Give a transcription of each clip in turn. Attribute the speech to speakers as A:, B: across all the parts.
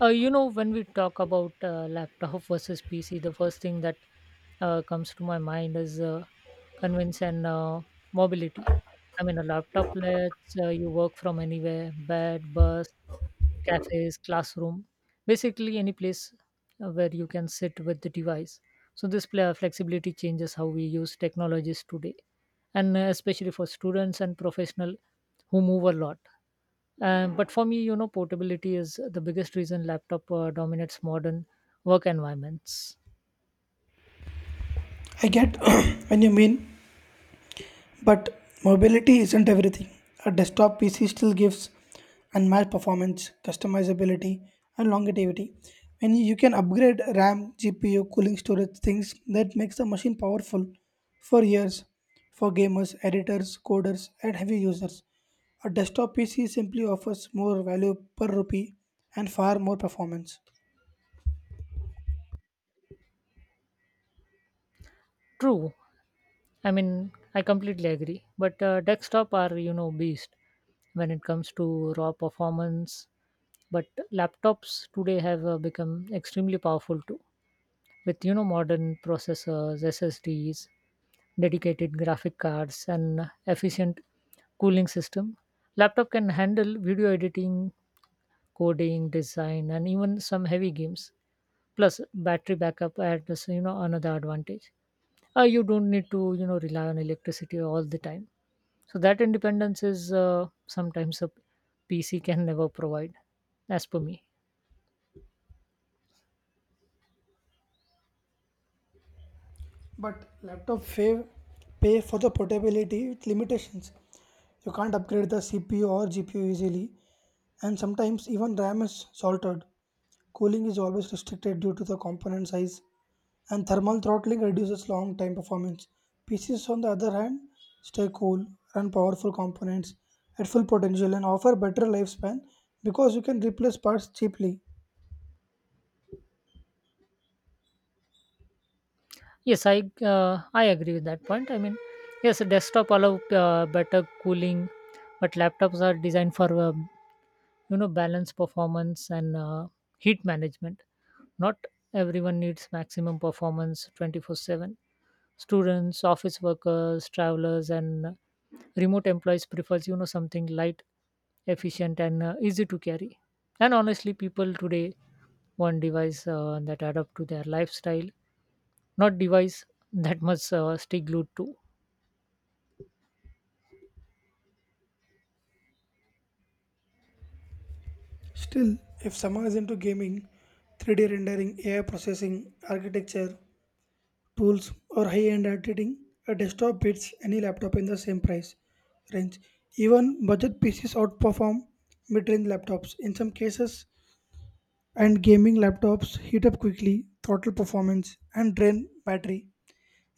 A: When we talk about laptop versus PC, the first thing that comes to my mind is convenience and mobility. I mean, a laptop lets you work from anywhere, bed, bus, cafes, classroom, basically any place where you can sit with the device. So, flexibility changes how we use technologies today, and especially for students and professionals who move a lot. But for me, portability is the biggest reason laptop dominates modern work environments.
B: I get when you mean, but mobility isn't everything. A desktop PC still gives unmatched performance, customizability, and longevity. When you can upgrade RAM, GPU, cooling storage, things that makes the machine powerful for years for gamers, editors, coders, and heavy users. A desktop PC simply offers more value per rupee and far more performance.
A: True. I mean, I completely agree. But desktop are, you know, beast when it comes to raw performance. But laptops today have become extremely powerful too, with modern processors, SSDs, dedicated graphic cards, and efficient cooling system. Laptop can handle video editing, coding, design, and even some heavy games. Plus, battery backup adds another advantage. You don't need to rely on electricity all the time. So that independence is sometimes a PC can never provide, as per me.
B: But laptop pay for the portability with limitations. You can't upgrade the CPU or GPU easily, and sometimes even RAM is salted. Cooling is always restricted due to the component size, and thermal throttling reduces long time performance. PCs, on the other hand, stay cool, run powerful components at full potential, and offer better lifespan because you can replace parts cheaply.
A: Yes, I agree with that point. I mean, yes, a desktop allow better cooling, but laptops are designed for balance performance and heat management. Not everyone needs maximum performance 24/7. Students, office workers, travelers, and remote employees prefers something light, efficient, and easy to carry. And honestly, people today want device that adapt to their lifestyle, not device that must stay glued to.
B: Still, if someone is into gaming, 3D rendering, AI processing, architecture, tools, or high end editing, a desktop beats any laptop in the same price range. Even budget PCs outperform mid range laptops in some cases, and gaming laptops heat up quickly, throttle performance, and drain battery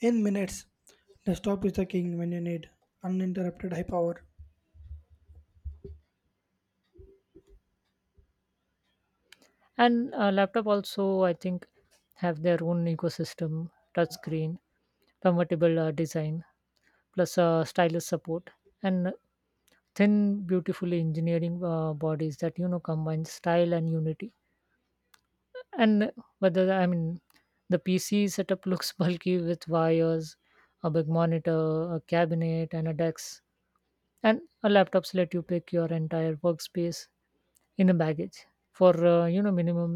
B: in minutes. Desktop is the king when you need uninterrupted high power.
A: And laptop also, I think, have their own ecosystem, touchscreen, convertible design, plus stylus support, and thin, beautifully engineering bodies that combine style and unity. And I mean, the PC setup looks bulky with wires, a big monitor, a cabinet, and a desk. And a laptops let you pick your entire workspace in a baggage for minimum,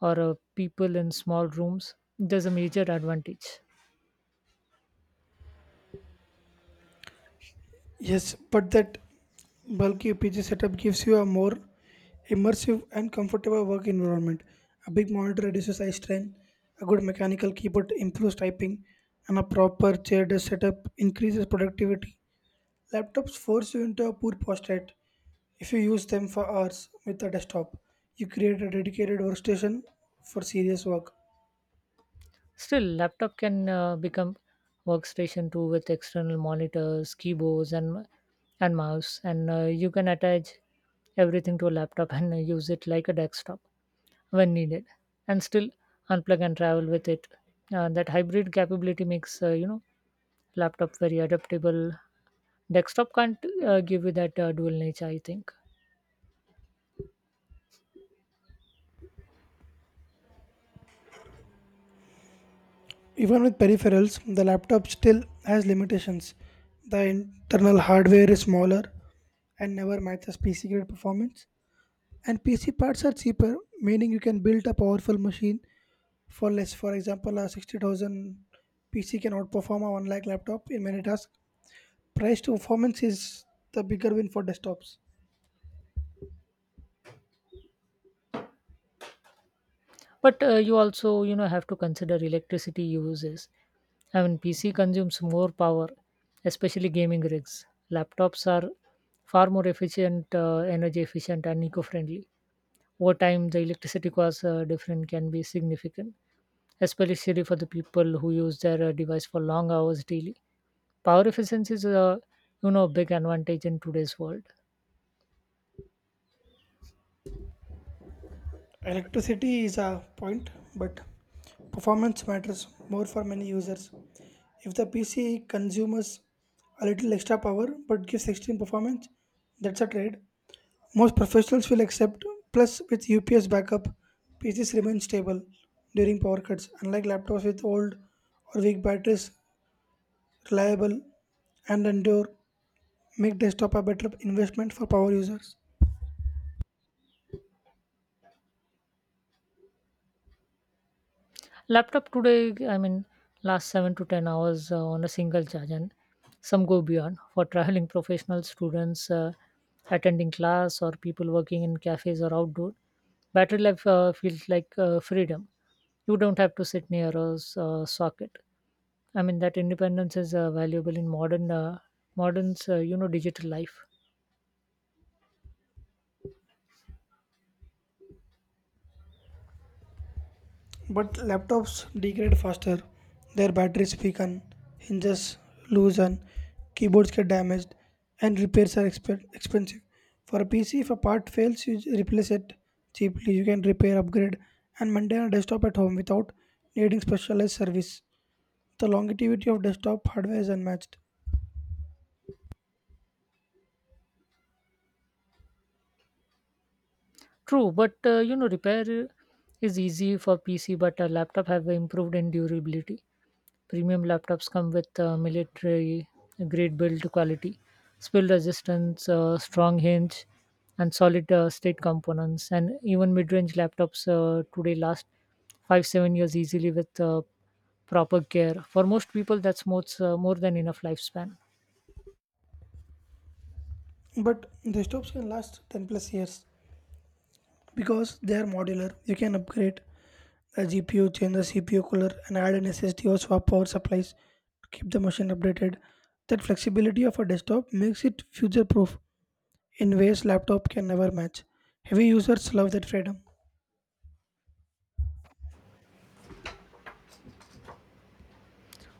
A: or people in small rooms, there's a major advantage.
B: Yes, but that bulky PC setup gives you a more immersive and comfortable work environment. A big monitor reduces eye strain, a good mechanical keyboard improves typing, and a proper chair desk setup increases productivity. Laptops force you into a poor posture if you use them for hours with a desktop. You create a dedicated workstation for serious work.
A: Still, laptop can become workstation too with external monitors, keyboards, and mouse, and you can attach everything to a laptop and use it like a desktop when needed, and still unplug and travel with it. That hybrid capability makes laptop very adaptable. Desktop can't give you that dual nature, I think.
B: Even with peripherals, the laptop still has limitations. The internal hardware is smaller and never matches PC grade performance. And PC parts are cheaper, meaning you can build a powerful machine for less. For example, a 60,000 PC can outperform a 1 lakh laptop in many tasks. Price to performance is the bigger win for desktops.
A: But you also have to consider electricity uses. I mean, PC consumes more power, especially gaming rigs. Laptops are far more efficient, energy efficient and eco-friendly. Over time the electricity costs different can be significant, especially for the people who use their device for long hours daily. Power efficiency is a, big advantage in today's world.
B: Electricity is a point, but performance matters more for many users. If the PC consumes a little extra power but gives extreme performance, that's a trade. Most professionals will accept, plus, with UPS backup, PCs remain stable during power cuts, unlike laptops with old or weak batteries, reliable and endure, make desktop a better investment for power users.
A: Laptop today, I mean, last 7 to 10 hours on a single charge, and some go beyond. For traveling professional students attending class or people working in cafes or outdoor. Battery life feels like freedom. You don't have to sit near a socket. I mean, that independence is valuable in modern, digital life.
B: But laptops degrade faster, their batteries weaken, hinges loosen, keyboards get damaged, and repairs are expensive. For a PC, if a part fails, you replace it cheaply. You can repair, upgrade, and maintain a desktop at home without needing specialized service. The longevity of desktop hardware is unmatched.
A: True, but repair is easy for PC, but a laptop have improved in durability. Premium laptops come with military grade build quality, spill resistance, strong hinge, and solid state components. And even mid-range laptops today last 5 7 years easily with proper care. For most people, that's more than enough lifespan.
B: But desktops can last 10 plus years because they are modular. You can upgrade the GPU, change the CPU cooler, and add an SSD or swap power supplies to keep the machine updated. That flexibility of a desktop makes it future proof in ways laptop can never match. Heavy users love that freedom.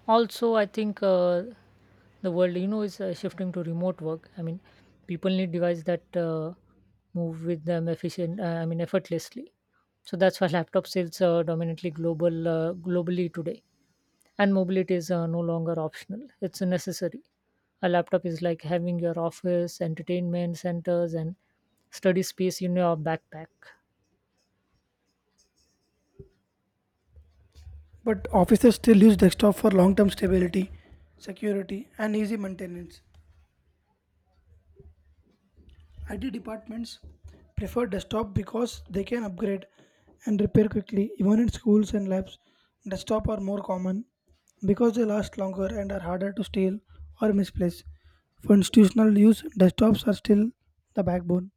A: Also, I think, the world, is shifting to remote work. I mean, people need devices that move with them efficient I mean, effortlessly. So that's why laptop sales are dominantly global globally today. And mobility is no longer optional, it's a necessary. A laptop is like having your office, entertainment centers, and study space in your backpack.
B: But offices still use desktop for long term stability, security, and easy maintenance. IT departments prefer desktop because they can upgrade and repair quickly. Even in schools and labs, desktop are more common because they last longer and are harder to steal or misplace. For institutional use, desktops are still the backbone.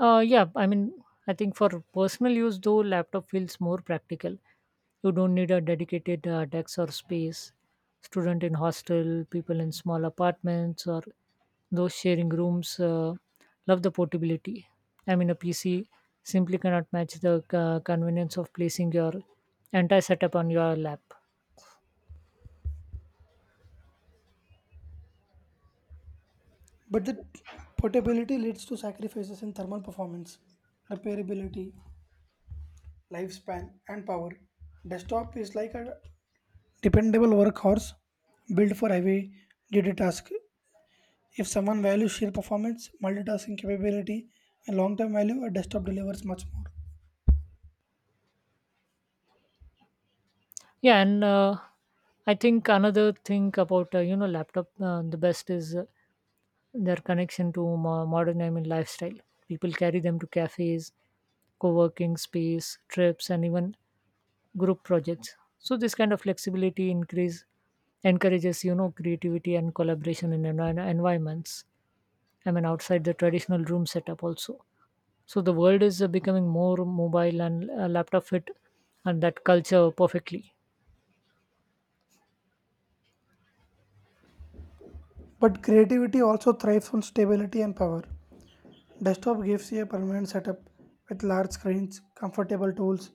A: Yeah, I mean, I think for personal use, though, laptop feels more practical. You don't need a dedicated desk or space. Student in hostel, people in small apartments, or those sharing rooms love the portability. I mean, a PC simply cannot match the convenience of placing your entire setup on your lap.
B: But the portability leads to sacrifices in thermal performance, repairability, lifespan, and power. Desktop is like a dependable workhorse built for heavy duty tasks. If someone values sheer performance, multitasking capability, and long term value, a desktop delivers much more.
A: Yeah, and I think another thing about laptop, the best is their connection to modern, I mean, lifestyle. People carry them to cafes, co-working space, trips, and even group projects. So this kind of flexibility increase encourages creativity and collaboration in environments. I mean, outside the traditional room setup also. So the world is becoming more mobile, and laptop fit and that culture perfectly.
B: But creativity also thrives on stability and power. Desktop gives you a permanent setup with large screens, comfortable tools,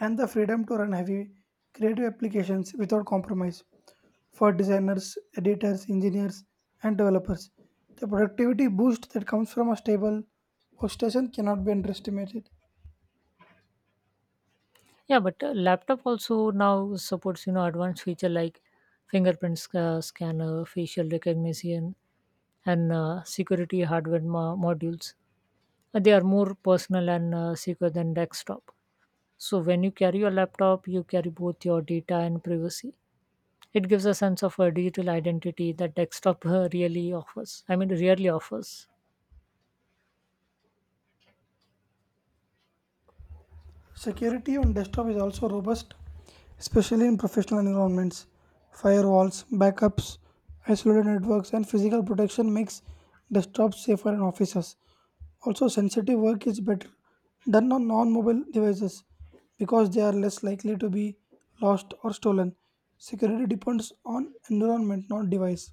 B: and the freedom to run heavy creative applications without compromise. For designers, editors, engineers, and developers, the productivity boost that comes from a stable workstation cannot be underestimated.
A: Yeah, but laptop also now supports advanced feature like fingerprint scanner, facial recognition, and security hardware modules. They are more personal and secure than desktop. So when you carry your laptop, you carry both your data and privacy. It gives a sense of a digital identity that desktop really offers. I mean, rarely offers.
B: Security on desktop is also robust, especially in professional environments. Firewalls, backups, isolated networks, and physical protection makes desktops safer in offices. Also, sensitive work is better done on non-mobile devices because they are less likely to be lost or stolen. Security depends on environment, not device.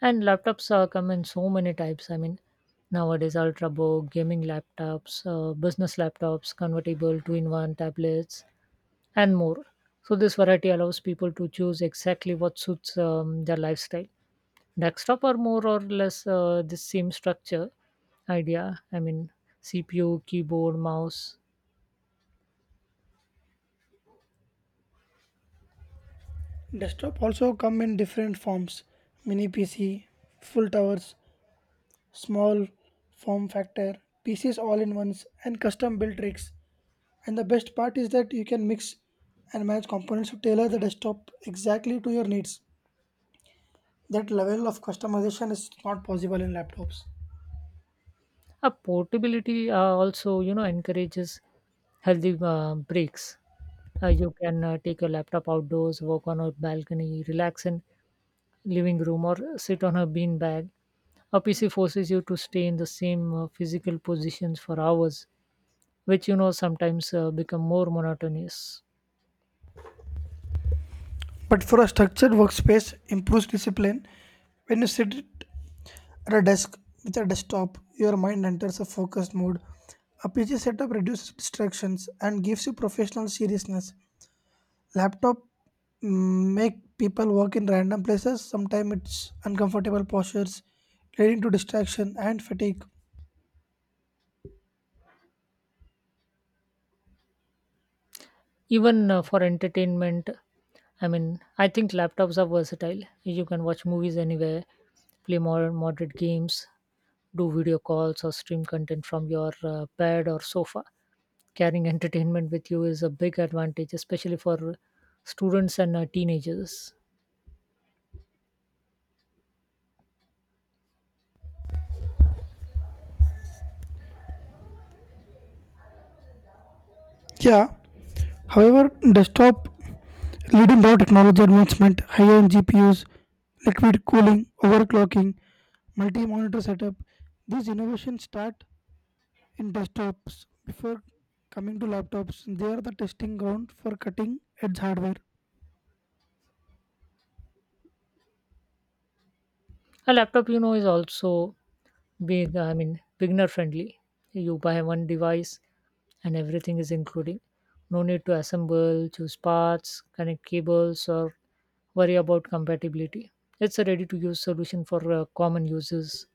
A: And laptops come in so many types. I mean, nowadays ultrabook, gaming laptops, business laptops, convertible, two-in-one tablets, and more. So this variety allows people to choose exactly what suits their lifestyle. Desktop are more or less the same structure idea. I mean, CPU, keyboard, mouse.
B: Desktop also come in different forms: mini PC, full towers, small form factor, pieces all in ones, and custom built rigs. And the best part is that you can mix and match components to tailor the desktop exactly to your needs. That level of customization is not possible in laptops.
A: A portability, also, you know, encourages healthy breaks. You can take your laptop outdoors, work on a balcony, relax in living room, or sit on a beanbag. A PC forces you to stay in the same physical positions for hours, which, you know, sometimes become more monotonous.
B: But for a structured workspace, improves discipline. When you sit at a desk with a desktop, your mind enters a focused mode. A PC setup reduces distractions and gives you professional seriousness. Laptop make people work in random places. Sometimes it's uncomfortable postures, leading to distraction and fatigue.
A: Even for entertainment, I mean, I think laptops are versatile. You can watch movies anywhere, play more moderate games, do video calls, or stream content from your bed or sofa. Carrying entertainment with you is a big advantage, especially for students and teenagers.
B: Yeah. However, desktop leading raw technology advancement, high-end GPUs, liquid cooling, overclocking, multi-monitor setup. These innovations start in desktops before coming to laptops. They are the testing ground for cutting edge hardware.
A: A laptop, you know, is also big, I mean, beginner friendly. You buy one device and everything is including, no need to assemble, choose parts, connect cables, or worry about compatibility. It's a ready to use solution for common users.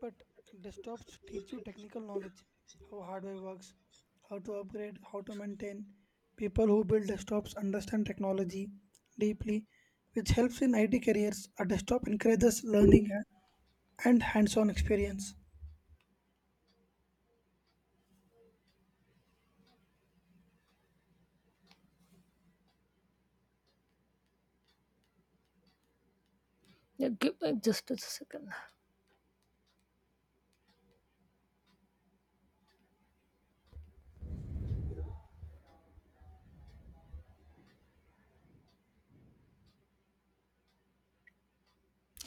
B: But desktops teach you technical knowledge, how hardware works, how to upgrade, how to maintain. People who build desktops understand technology deeply, which helps in IT careers. A desktop encourages learning and hands-on experience.
A: Yeah, give me just a second.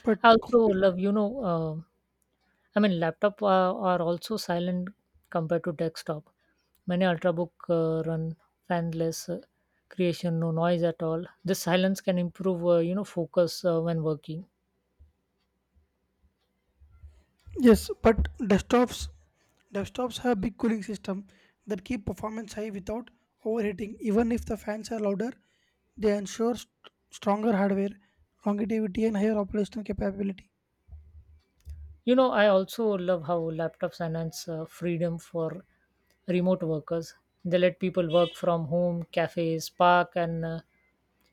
B: But
A: i also
B: compute-
A: love you know uh, I mean, laptop are also silent compared to desktop. Many ultrabook run fanless creation, no noise at all. This silence can improve, focus when working.
B: yes, but desktops have big cooling system that keep performance high without overheating. Even if the fans are louder, they ensure stronger hardware, longevity, and higher operational capability.
A: You know, I also love how laptops enhance freedom for remote workers. They let people work from home, cafes, park, and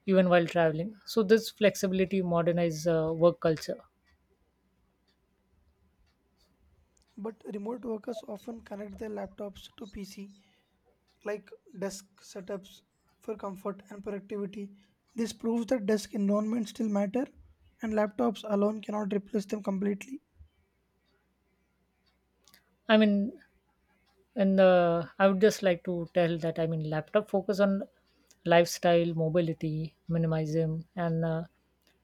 A: even while traveling. So this flexibility modernize work culture.
B: But remote workers often connect their laptops to PC, like desk setups, for comfort and productivity. This proves that desk environments still matter, and laptops alone cannot replace them completely.
A: I mean, and I would just like to tell that, I mean, laptop focus on lifestyle, mobility, minimalism, and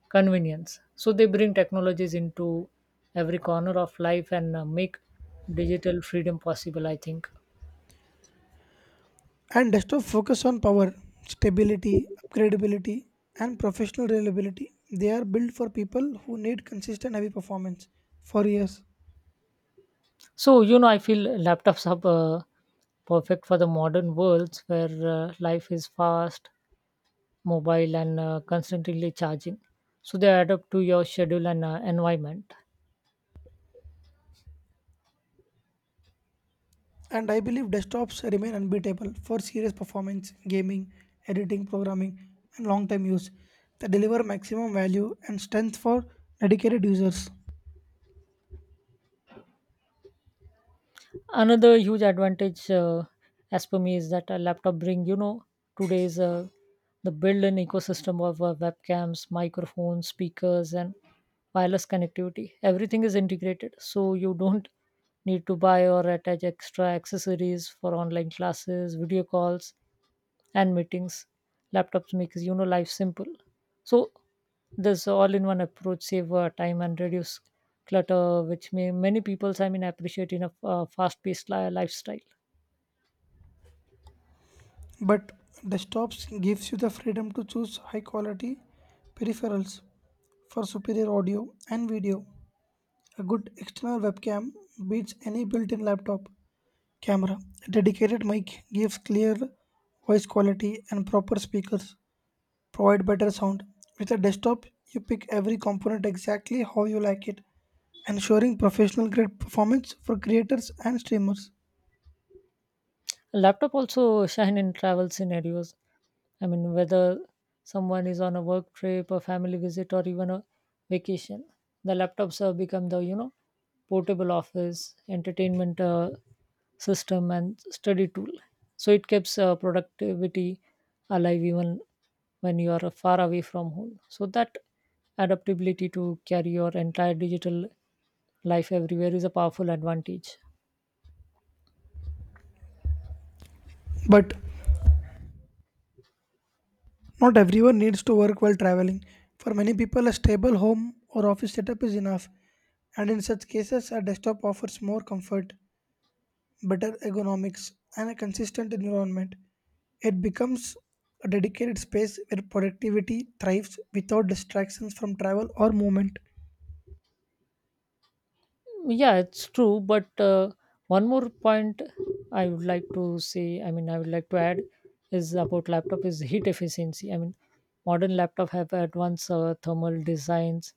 A: convenience. So they bring technologies into every corner of life and make digital freedom possible. I think
B: And desktop focus on power, stability, upgradability, and professional reliability. They are built for people who need consistent heavy performance for years.
A: so. You know, I feel laptops are perfect for the modern worlds where life is fast, mobile, and constantly charging. So they adapt to your schedule and environment.
B: And I believe desktops remain unbeatable for serious performance, gaming, editing, programming, and long term use. They deliver maximum value and strength for dedicated users.
A: Another huge advantage, as per me, is that a laptop bring, you know, today's the built-in ecosystem of webcams, microphones, speakers, and wireless connectivity. Everything is integrated, so you don't need to buy or attach extra accessories for online classes, video calls, and meetings. Laptops makes, you know, life simple. So this all in one approach save time and reduce clutter, which may many peoples, I mean, appreciate in a fast-paced lifestyle.
B: But desktops gives you the freedom to choose high quality peripherals for superior audio and video. A good external webcam beats any built in laptop camera. A dedicated mic gives clear voice quality and proper speakers provide better sound. With a desktop, you pick every component exactly how you like it, ensuring professional grade performance for creators and streamers.
A: Laptop also shine in travel scenarios. I mean, whether someone is on a work trip, a family visit, or even a vacation, the laptops have become the, you know, portable office, entertainment system, and study tool. So it keeps productivity alive even when you are far away from home. So that adaptability to carry your entire digital life everywhere is a powerful advantage.
B: But not everyone needs to work while traveling. For many people, a stable home or office setup is enough, and in such cases, a desktop offers more comfort, better ergonomics, and a consistent environment. It becomes a dedicated space where productivity thrives without distractions from travel or movement.
A: Yeah, it's true. But one more point I would like to say, I mean, I would like to add, is about laptop is heat efficiency. I mean, modern laptop have advanced thermal designs,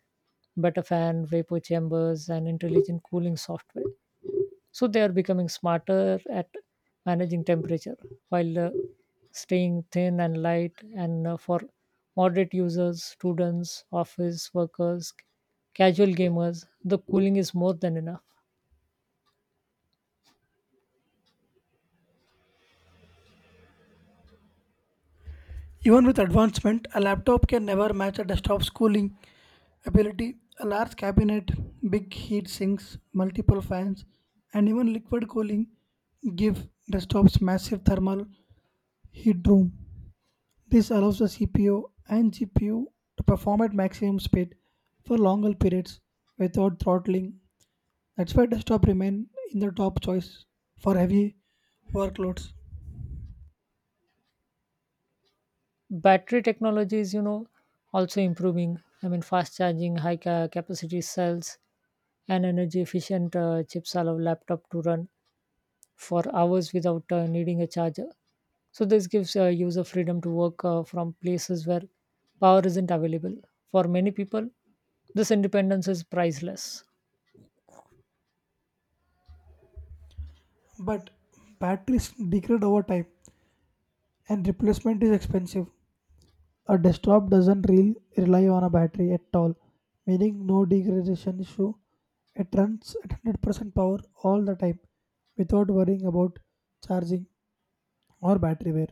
A: better fan, vapor chambers, and intelligent cooling software. So they are becoming smarter at managing temperature while staying thin and light. And for moderate users, students, office workers, casual gamers, the cooling is more than enough.
B: Even with advancement, a laptop can never match a desktop's cooling ability. A large cabinet, big heat sinks, multiple fans, and even liquid cooling give desktops massive thermal heat room. This allows the CPU and GPU to perform at maximum speed for longer periods without throttling. That's why desktop remain in the top choice for heavy workloads.
A: Battery technology is, you know, also improving. I mean, fast charging, high capacity cells, and energy efficient chips allow laptop to run for hours without needing a charger. So this gives user freedom to work from places where power isn't available. For many people, this independence is priceless.
B: But batteries degrade over time and replacement is expensive. A desktop doesn't real rely on a battery at all, meaning no degradation issue. It runs at 100% power all the time without worrying about charging or battery wear.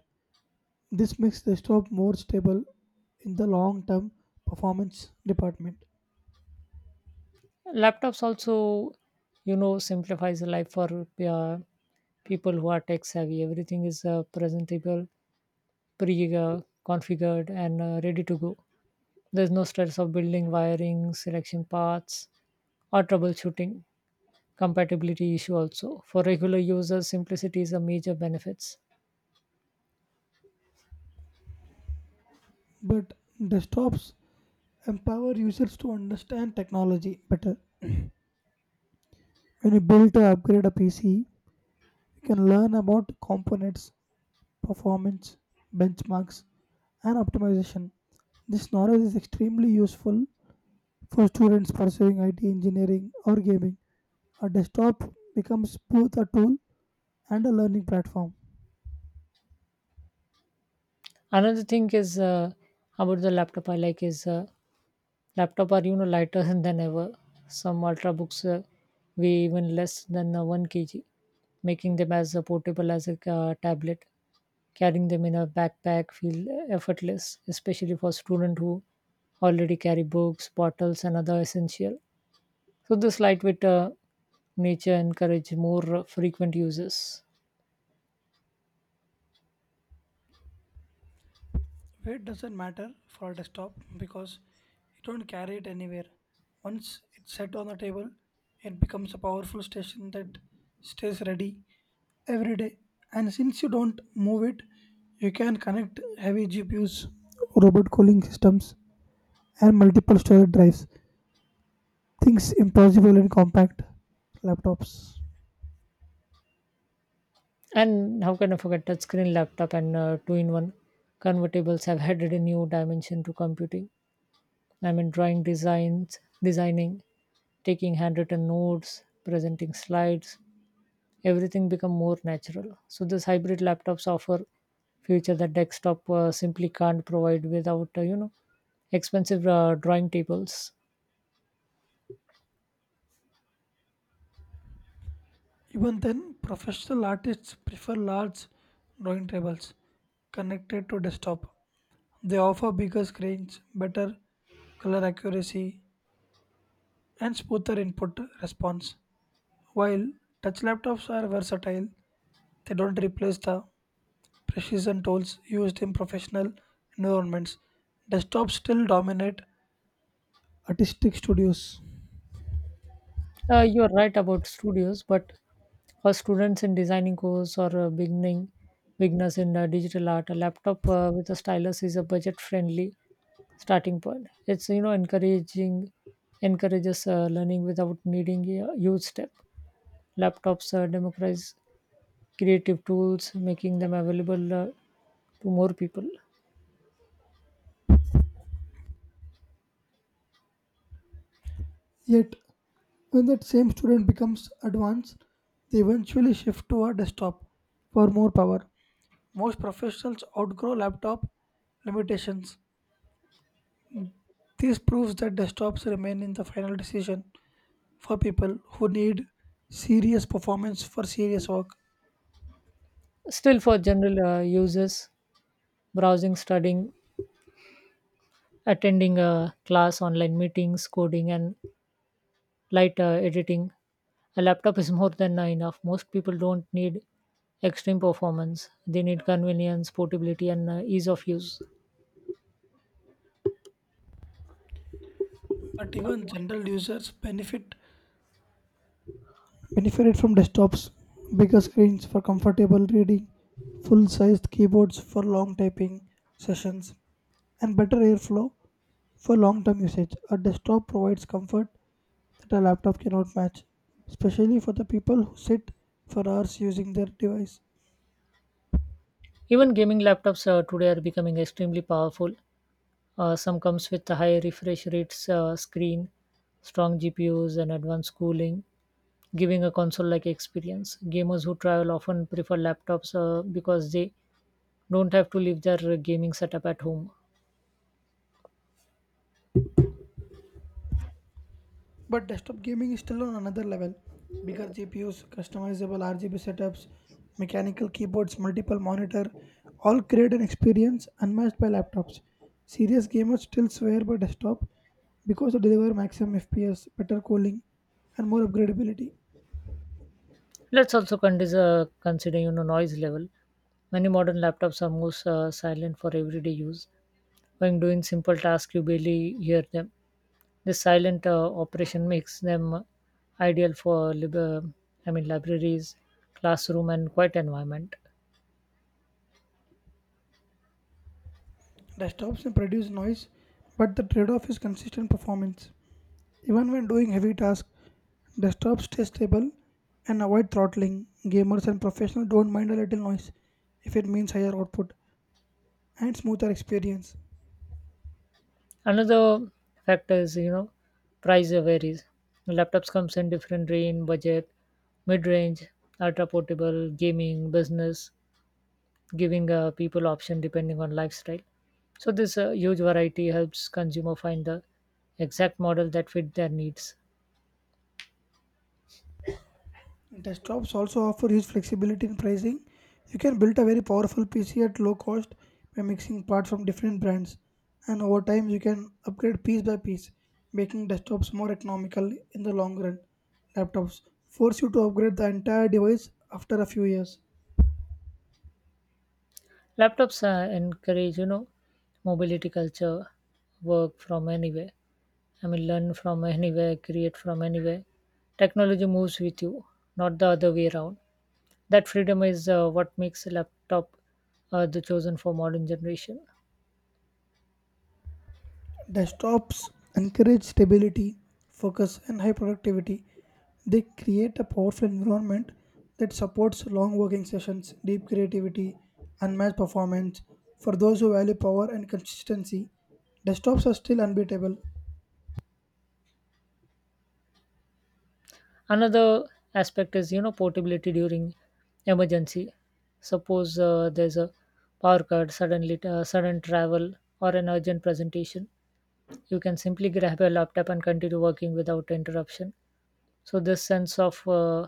B: This makes desktop more stable in the long term performance department.
A: Laptops also, you know, simplifies life for people who are tech savvy. Everything is presentable, pre configured, and ready to go. There's no stress of building, wiring, selection paths, or troubleshooting compatibility issue also. For regular users, simplicity is a major benefits.
B: But desktops empower users to understand technology better. When you build or upgrade a PC, you can learn about components, performance, benchmarks, and optimization. This knowledge is extremely useful for students pursuing IT engineering or gaming. A desktop becomes both a tool and a learning platform.
A: Another thing is, about the laptop I like, is laptop are, you know, lighter than ever. Some ultrabooks weigh even less than 1 kg, making them as portable as a tablet. Carrying them in a backpack feel effortless, especially for students who already carry books, bottles, and other essential. So this lightweight nature encourage more frequent uses.
B: Weight doesn't matter for a desktop because you don't carry it anywhere. Once it's set on the table, it becomes a powerful station that stays ready every day. And since you don't move it, you can connect heavy GPUs, robot cooling systems, and multiple storage drives. Things impossible in compact laptops.
A: And how can I forget touchscreen laptop and two-in-one convertibles have added a new dimension to computing. I mean, drawing designs, designing, taking handwritten notes, presenting slides, everything become more natural. So this hybrid laptops offer future that desktop simply can't provide without, expensive drawing tables.
B: Even then, professional artists prefer large drawing tables connected to desktop. They offer bigger screens, better color accuracy, and smoother input response. While touch laptops are versatile, they don't replace the precision tools used in professional environments. Desktops still dominate artistic studios.
A: You're right about studios, but for students in designing course or beginning beginners in digital art, a laptop with a stylus is a budget-friendly starting point. It's, you know, encouraging encourages learning without needing a huge step. Laptops democratize creative tools, making them available to more people.
B: Yet, when that same student becomes advanced, they eventually shift to a desktop for more power. Most professionals outgrow laptop limitations. This proves that desktops remain in the final decision for people who need serious performance for serious work.
A: Still, for general uses, browsing, studying, attending a class, online meetings, coding, and light editing. A laptop is more than enough. Most people don't need extreme performance. They need convenience, portability, and ease of use.
B: But even general users benefited from desktops, bigger screens for comfortable reading, full sized keyboards for long typing sessions, and better airflow for long term usage. A desktop provides comfort that a laptop cannot match, especially for the people who sit for hours using their device.
A: Even gaming laptops today are becoming extremely powerful. Some comes with a high refresh rates, screen, strong GPUs, and advanced cooling, giving a console-like experience. Gamers who travel often prefer laptops because they don't have to leave their gaming setup at home.
B: But desktop gaming is still on another level. Bigger GPUs, customizable RGB setups, mechanical keyboards, multiple monitor, all create an experience unmatched by laptops. Serious gamers still swear by desktop because they deliver maximum FPS, better cooling, and more upgradability.
A: Let's also consider, you know, noise level. Many modern laptops are most silent for everyday use. When doing simple tasks, you barely hear them. This silent operation makes them ideal for I mean, libraries, classroom, and quiet environment.
B: Desktops may produce noise, but the trade-off is consistent performance. Even when doing heavy tasks, desktop stay stable and avoid throttling. Gamers and professionals don't mind a little noise if it means higher output and smoother experience.
A: Another factor is, you know, price varies. Laptops comes in different range, budget, mid-range, ultra portable, gaming, business, giving people option depending on lifestyle. So this huge variety helps consumer find the exact model that fit their needs.
B: Desktops also offer huge flexibility in pricing. You can build a very powerful PC at low cost by mixing parts from different brands, and over time you can upgrade piece by piece, making desktops more economical in the long run. Laptops force you to upgrade the entire device after a few years.
A: Laptops encourage, you know, mobility culture, work from anywhere. I mean, learn from anywhere, create from anywhere. Technology moves with you, not the other way around. That freedom is what makes a laptop the chosen for modern generation.
B: Desktops encourage stability, focus, and high productivity. They create a powerful environment that supports long working sessions, deep creativity, unmatched performance. For those who value power and consistency, desktops are still unbeatable.
A: Another aspect is, you know, portability during emergency. Suppose there's a power cut, sudden travel, or an urgent presentation, you can simply grab your laptop and continue working without interruption. So this sense of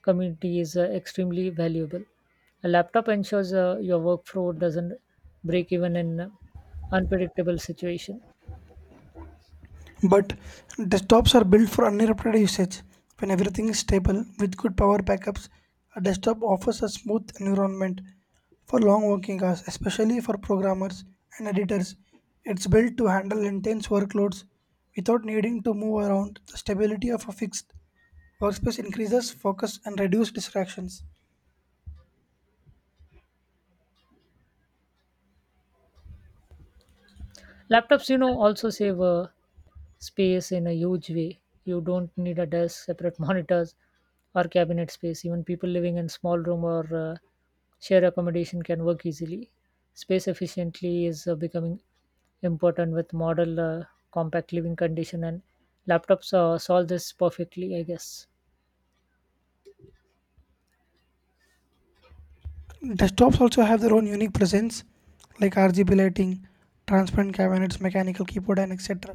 A: community is extremely valuable. A laptop ensures your workflow doesn't break even in unpredictable situation.
B: But desktops are built for uninterrupted usage. When everything is stable with good power backups, a desktop offers a smooth environment for long working hours, especially for programmers and editors. It's built to handle intense workloads without needing to move around. The stability of a fixed workspace increases focus and reduces distractions.
A: Laptops, you know, also save space in a huge way. You don't need a desk, separate monitors, or cabinet space. Even people living in small room or share accommodation can work easily. Space efficiently is becoming important with model compact living condition, and laptops solve this perfectly, I guess.
B: Desktops also have their own unique presence, like RGB lighting, transparent cabinets, mechanical keyboard, and etc.